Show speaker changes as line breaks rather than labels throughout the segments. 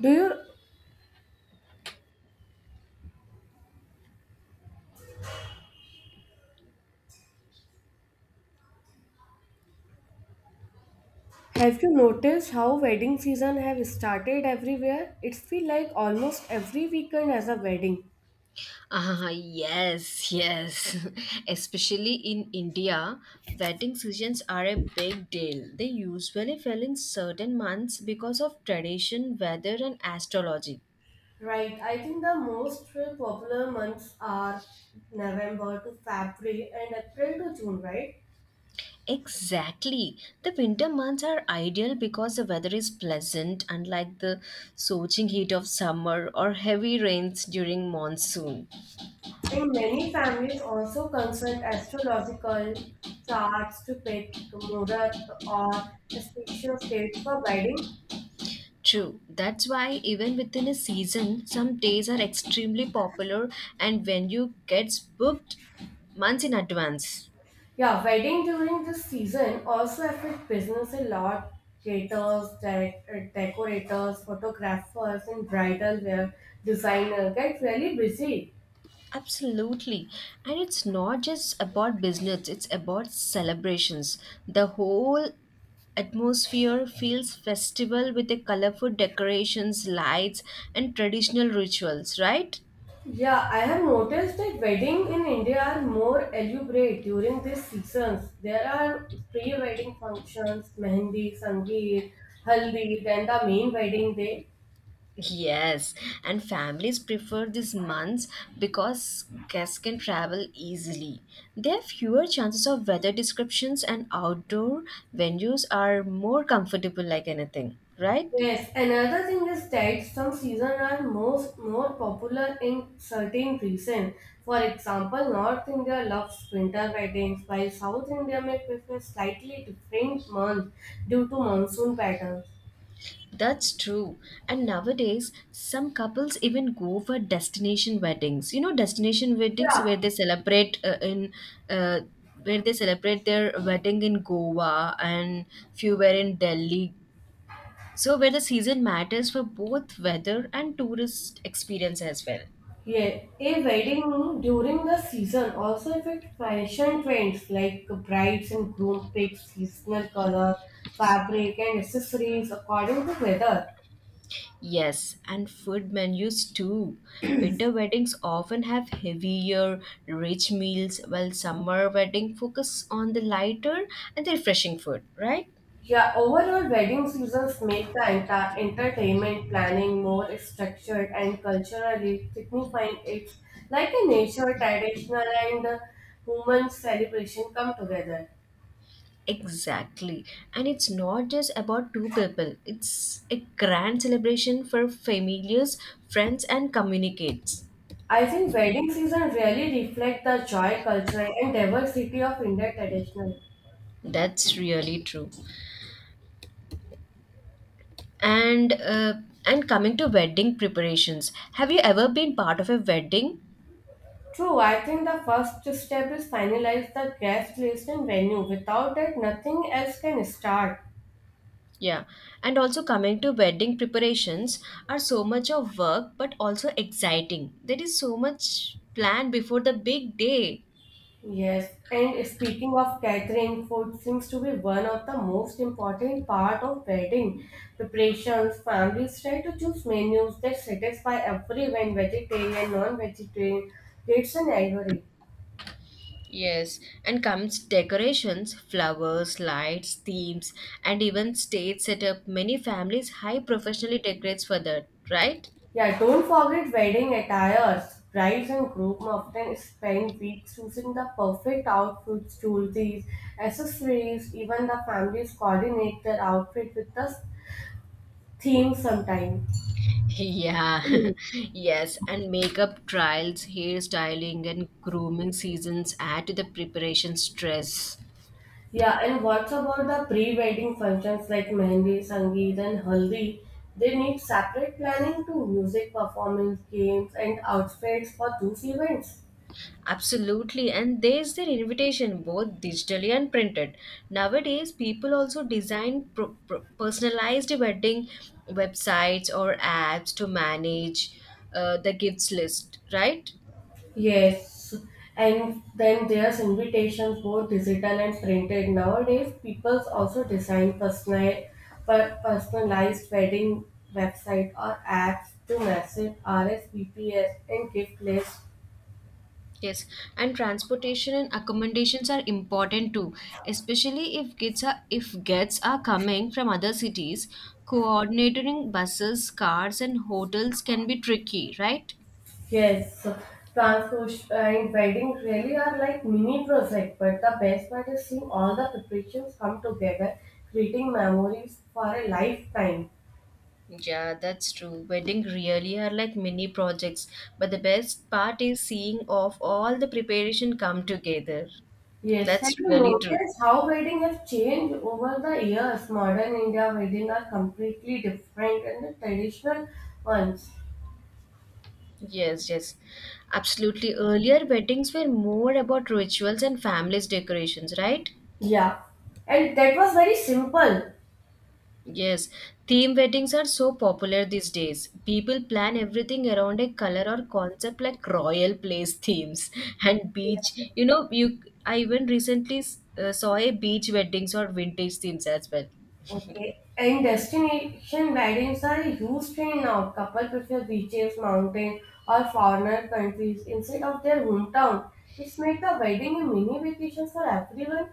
Do you have you noticed how wedding season have started everywhere? It feel like almost every weekend has a wedding.
Ah, yes, yes. Especially in India, wedding seasons are a big deal. They usually fell in certain months because of tradition, weather, and astrology.
Right. I think the most popular months are November to February and April to June, right?
Exactly. The winter months are ideal because the weather is pleasant, unlike the scorching heat of summer or heavy rains during monsoon.
And many families also consult astrological charts to pick Murat or auspicious dates for wedding.
True. That's why even within a season, some days are extremely popular and venue gets booked months in advance.
Yeah, wedding during this season also affect business a lot. Caterers, direct, decorators, photographers, and bridal wear designer get really busy.
Absolutely. And it's not just about business, it's about celebrations. The whole atmosphere feels festival with the colorful decorations, lights, and traditional rituals, right?
Yeah, I have noticed that wedding in India are more elaborate during these seasons. There are pre-wedding functions, mehendi, sangeet, haldi, then the main wedding day.
Yes, and families prefer these months because guests can travel easily. There are fewer chances of weather descriptions, and outdoor venues are more comfortable, like anything, right?
Yes, another thing is that some seasons are most more popular in certain regions. For example, North India loves winter weddings, while South India may prefer slightly different months due to monsoon patterns.
That's true. And nowadays, some couples even go for destination weddings. Destination weddings where
Yeah,
they celebrate in uh, where they celebrate their wedding in Goa and few were in Delhi. So, where the season matters for both weather and tourist experience as well.
yeah. A wedding during the season also affects fashion trends like brides and groom pick seasonal color, fabric, and accessories according to weather.
Yes, and food menus too. Winter weddings often have heavier, rich meals, while summer wedding focus on the lighter and the refreshing food, right?
Yeah, overall, wedding seasons make the entire entertainment planning more structured and culturally signifying it's like a nature, traditional, and human celebration come together.
Exactly. And it's not just about two people. It's a grand celebration for families, friends and communicates.
I think wedding season really reflect the joy, culture, and diversity of Indian traditional.
That's really true. And uh, and coming to wedding preparations, have you ever been part of a wedding?
True, I think the first step is finalize the guest list and venue. Without that, nothing else can start.
Yeah. And also coming to wedding preparations are so much of work but also exciting. There is so much planned before the big day.
Yes, and speaking of catering, food seems to be one of the most important part of wedding preparations. Families try to choose menus that satisfy everyone, vegetarian, non-vegetarian, kids and elderly.
Yes, and comes decorations, flowers, lights, themes, and even stage setup. Many families high professionally decorates for that, right?
Yeah, don't forget wedding attires. Brides and groom often spend weeks choosing the perfect outfits, jewelry, accessories. Even the families coordinate their outfit with the theme sometimes.
Yeah, yes, and makeup trials, hairstyling, and grooming seasons add to the preparation stress.
Yeah, and what's about the pre-wedding functions like Mehndi, Sangeet, and Haldi? They need separate planning to music performance, games, and outfits for those events.
Absolutely, and there's their invitation, both digitally and printed. Nowadays, people also design personalized wedding websites or apps to manage the gifts list, right?
Yes, and then there's invitations, both digital and printed. Nowadays, people also design personal, personalized wedding website or apps to massive RSVPs and gift lists.
Yes, and transportation and accommodations are important too, especially if guests are coming from other cities. Coordinating buses, cars, and hotels can be tricky, right?
Yes, transfers and wedding really are like mini project, but the best part is seeing all the preparations come together, creating memories for a lifetime.
Yeah, that's true. Wedding really are like mini projects, but the best part is seeing of all the preparation come together.
Yes, have
That's
you
really true.
noticed how wedding have changed over the years? Modern India wedding are completely different than the traditional ones.
Yes, yes. Absolutely. Earlier weddings were more about rituals and families decorations, right?
Yeah, and that was very simple.
Yes, theme weddings are so popular these days. People plan everything around a color or concept like royal place themes and beach. You know, you I even recently saw a beach weddings or vintage themes as well.
Okay, and destination weddings are a huge trend now. Couple prefer beaches, mountains, or foreigner countries instead of their hometown. It's make the wedding a mini vacation for everyone.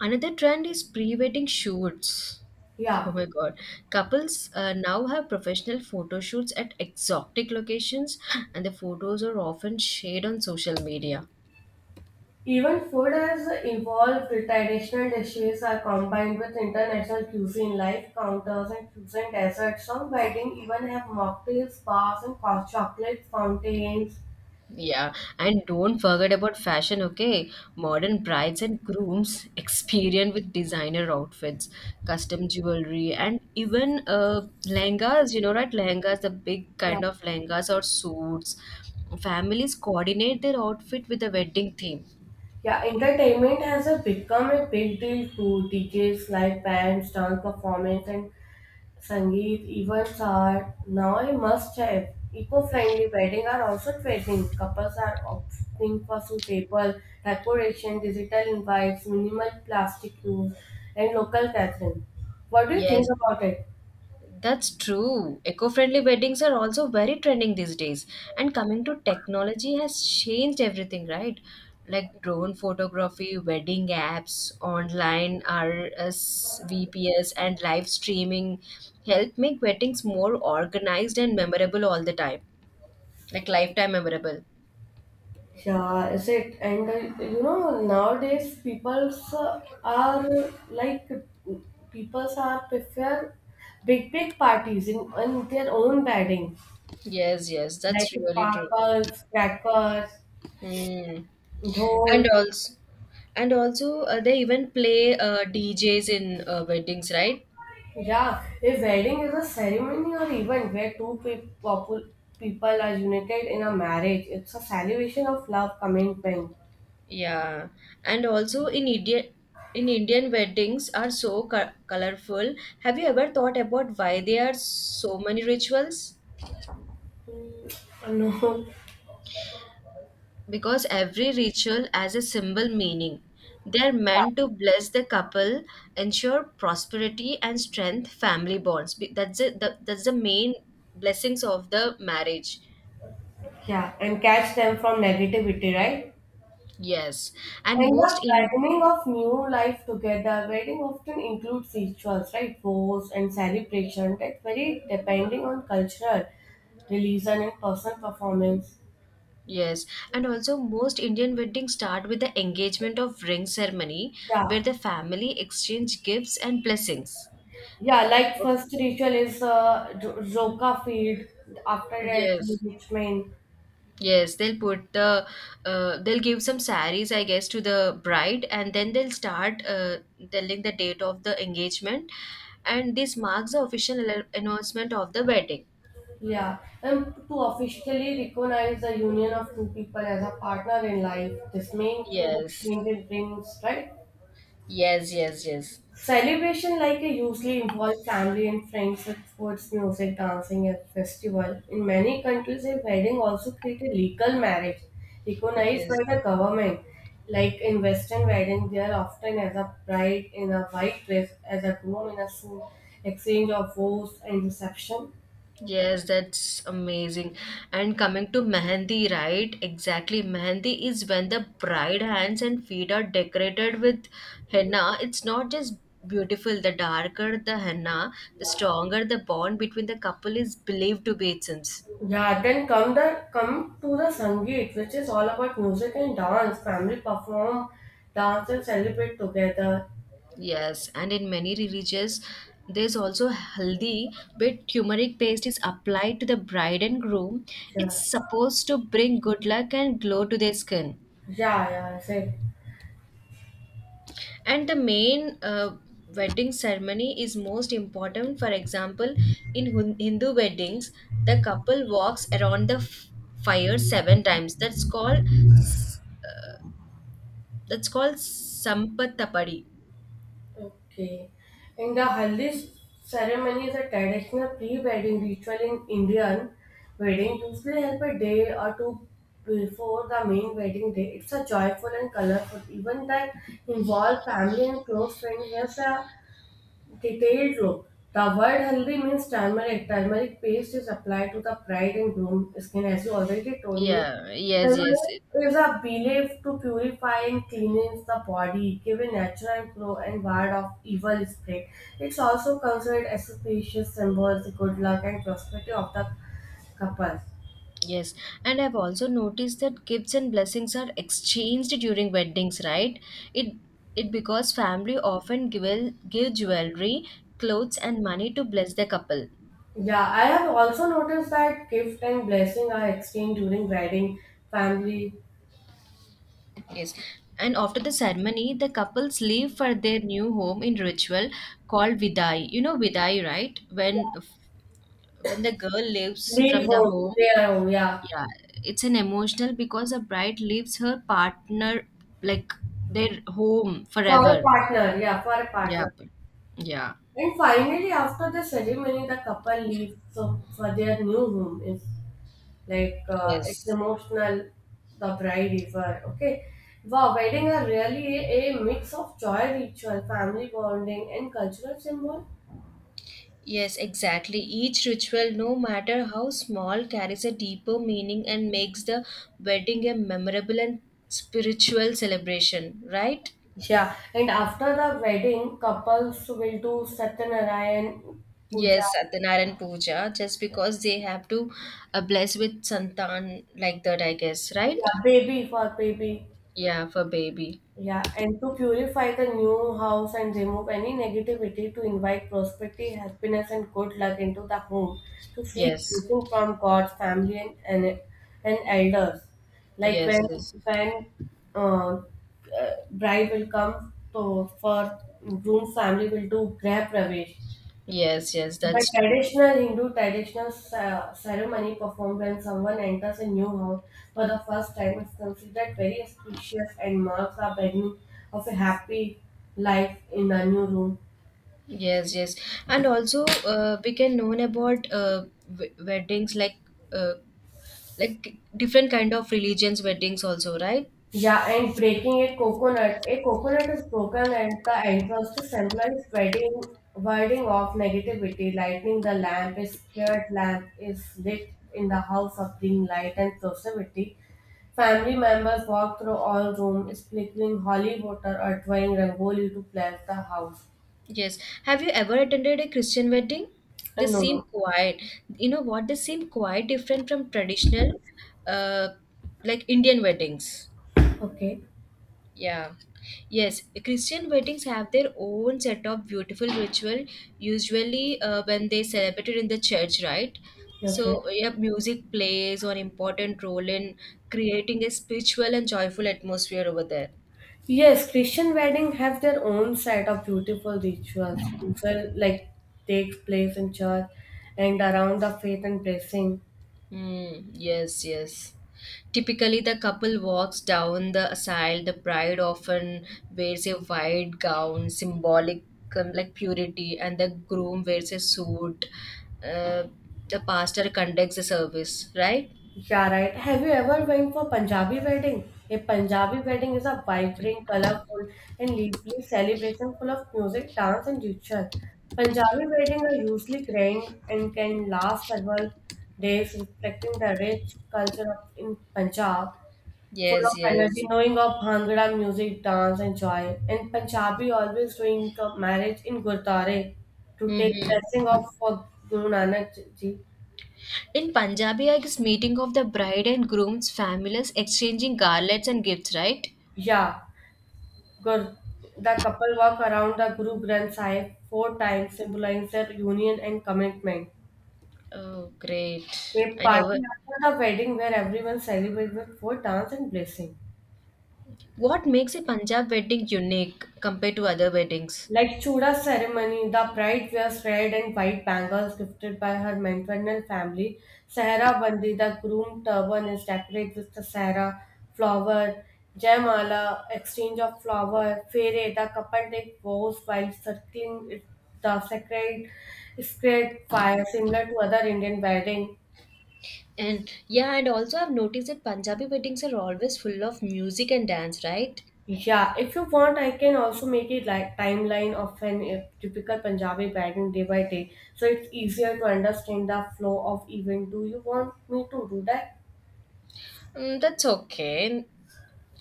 Another trend is pre-wedding shoots. Oh
Yeah,
my God. Couples now have professional photo shoots at exotic locations, and the photos are often shared on social media.
even food has evolved. Traditional dishes are combined with international cuisine, like counters and fusion desserts. Some wedding even have mocktails, bars, and hot chocolate fountains.
Yeah, and don't forget about fashion, okay? Modern brides and grooms experience with designer outfits, custom jewelry, and even lehengas, you know, right? Lehengas, the big
Yeah.
kind of lehengas or suits. Families coordinate their outfit with the wedding theme.
Yeah, entertainment has a become a big deal too. DJs, live bands, dance performance, and Sangeet events are now a must have. Eco friendly weddings are also trending. Couples are opting for suitable decoration, digital invites, minimal plastic use, and local catering. What do you think
Yes,
about it?
that's true. Eco-friendly weddings are also very trending these days. And coming to technology has changed everything, right? Like drone photography, wedding apps, online RSVPs, and live streaming help make weddings more organized and memorable all the time. Like lifetime memorable.
Yeah, is it? And nowadays people's are prefer big parties in their own wedding,
Yes, yes, that's
like
really true.
sparkles, crackers,
Hmm. And
dhol.
also, and also, they even play DJs in weddings, right?
Yeah, a wedding is a ceremony or event where people are united in a marriage. It's a celebration of love, commitment.
Yeah, and also in Indian weddings are so colorful. Have you ever thought about why there are so many rituals?
Mm, no.
Because every ritual has a symbol meaning. They're meant to bless the couple, ensure prosperity and strength family bonds. That's it. That's the main blessings of the marriage.
Yeah, and catch them from negativity, right?
Yes, and
And
most
the
in.
beginning of new life together, wedding often includes rituals, right? Vows and celebration that vary depending on cultural, religion, and personal performance.
Yes, and also most Indian weddings start with the engagement of ring ceremony where
Yeah,
the family exchange gifts and blessings.
yeah. Like first ritual is Joka field. After that,
Yes.
engagement.
Yes, they'll put the they'll give some saris, I guess, to the bride, and then they'll start telling the date of the engagement, and this marks the official announcement of the wedding.
Yeah, and to officially recognize the union of two people as a partner in life, this may include
Yes,
extended rings, right?
yes, yes, yes,
Celebration like a usually involve family and friends with foods, music, dancing, and festival. In many countries, a wedding also creates a legal marriage recognized by
yes.
the government. Like in Western wedding, they are often as a bride in a white dress, as a groom in a suit, exchange of vows and reception.
Yes, that's amazing. And coming to mehendi, right? Exactly. Mehendi is when the bride hands and feet are decorated with henna. It's not just beautiful. The darker the henna, the stronger the bond between the couple is believed to be it seems.
Yeah, then come to the Sangeet, which is all about music and dance. Family perform, dance and celebrate together.
Yes, and in many religions, there's also haldi, where turmeric paste is applied to the bride and groom.
Yeah,
It's supposed to bring good luck and glow to their skin.
yeah. That's it.
And the main wedding ceremony is most important, for example, in Hindu weddings the couple walks around the fire seven times. That's called sampatapadi.
Okay. And the haldi ceremony is a traditional pre-wedding ritual in Indian wedding, usually held a day or two before the main wedding day. It's a joyful and colorful event that involves family and close friends. Here's a detailed look. The word haldi means turmeric. Turmeric paste is applied to the bright and groomed skin, as you already told me.
Yeah, yes,
Turmeric is a belief to purify and cleanse the body, give a natural glow and ward off evil spirit. It's also considered as a precious symbol, the good luck and prosperity of the couple.
yes. And I've also noticed that gifts and blessings are exchanged during weddings, right? It it because family often give jewelry, clothes and money to bless the couple.
Yeah, I have also noticed that gift and blessing are exchanged during wedding, family,
Yes. And after the ceremony, the couples leave for their new home in ritual called Vidai. You know Vidai, right? When the girl leaves
leave
from the
home,
home,
their home. Yeah.
yeah, it's an emotional because a bride leaves her partner like their home
For a
forever.
partner, yeah, for a
Yeah.
partner.
Yeah.
And finally, after the ceremony, the couple leave for their new home. It's like it's
Yes.
emotional, the bride is okay. Wow, wedding are really a mix of joy ritual, family bonding, and cultural symbol.
Yes, exactly. Each ritual, no matter how small, carries a deeper meaning and makes the wedding a memorable and spiritual celebration, right?
Yeah, and after the wedding, couples will do Satyanarayan puja.
Yes, Satyanarayan Puja, just because they have to bless with santan like that, I guess, right?
Yeah, baby for baby.
Yeah, for baby.
Yeah, and to purify the new house and remove any negativity to invite prosperity, happiness, and good luck into the home, to seek
Yes,
blessing from God's family and elders. Like
yes,
when
yes,
when uh, bride will come to for groom's family will do grab pravesh
yes, yes,
by
that's true.
traditional Hindu traditional ceremony performed when someone enters a new house for the first time is considered very auspicious and marks the beginning of a happy life in a new room.
Yes, yes, and also we can learn about w weddings like uh, like different kind of religions weddings also, right?
Yeah, and breaking a coconut. A coconut is broken at the entrance to symbolize warding off negativity. Lighting the lamp, a scared lamp is lit in the house of bring light and positivity. Family members walk through all room, sprinkling holy water or drawing rangoli to bless the house.
Yes. Have you ever attended a Christian wedding? They
No,
seem
no.
quiet. You know what? They seem quite different from traditional, uh, like Indian weddings.
Okay,
Yeah. Yes, Christian weddings have their own set of beautiful ritual, usually when they celebrated in the church, right?
okay.
So, yeah, music plays an important role in creating a spiritual and joyful atmosphere over there.
Yes, Christian wedding have their own set of beautiful rituals, usual like takes place in church and around the faith and blessing.
Mm, yes, yes. Typically, the couple walks down the aisle. The bride often wears a white gown, symbolic like purity, and the groom wears a suit. Uh, the pastor conducts the service, right?
Yeah, right. Have you ever went for Punjabi wedding? A Punjabi wedding is a vibrant, colorful, and lively celebration full of music, dance, and ritual. Punjabi weddings are usually grand and can last several days, reflecting the rich culture of in Punjab. Full
Yes,
of energy,
yes.
knowing of Bhangra music, dance, and joy. And Punjabi always doing the marriage in Gurdwara to take
Mm-hmm.
blessing of for Guru Nanak Ji.
In Punjabi, I guess meeting of the bride and groom's families exchanging garlands and gifts, right?
Yeah, Gur, the couple walk around the Guru Granth Sahib 4 times, symbolizing their union and commitment.
Oh, great.
They
I never.
party after the wedding where everyone celebrates with food, dance, and blessing.
What makes a Punjab wedding unique compared to other weddings?
Like Chuda ceremony, the bride wears red and white bangles gifted by her maternal family. Sahara Bandi, the groom turban is decorated with the Sahara flower. Jaimala, exchange of flower. Fere, the couple take vows while the sacred fire, similar to other Indian wedding.
And yeah, and also I've noticed that Punjabi weddings are always full of music and dance, right?
Yeah, if you want, I can also make it like timeline of an typical Punjabi pattern day by day, so it's easier to understand the flow of event. Do you want me to do that?
Mm, that's okay.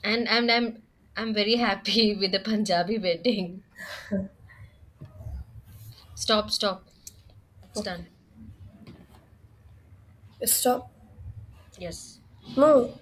And I'm very happy with the Punjabi wedding. Stop, stop. It's done.
Stop.
Yes.
No,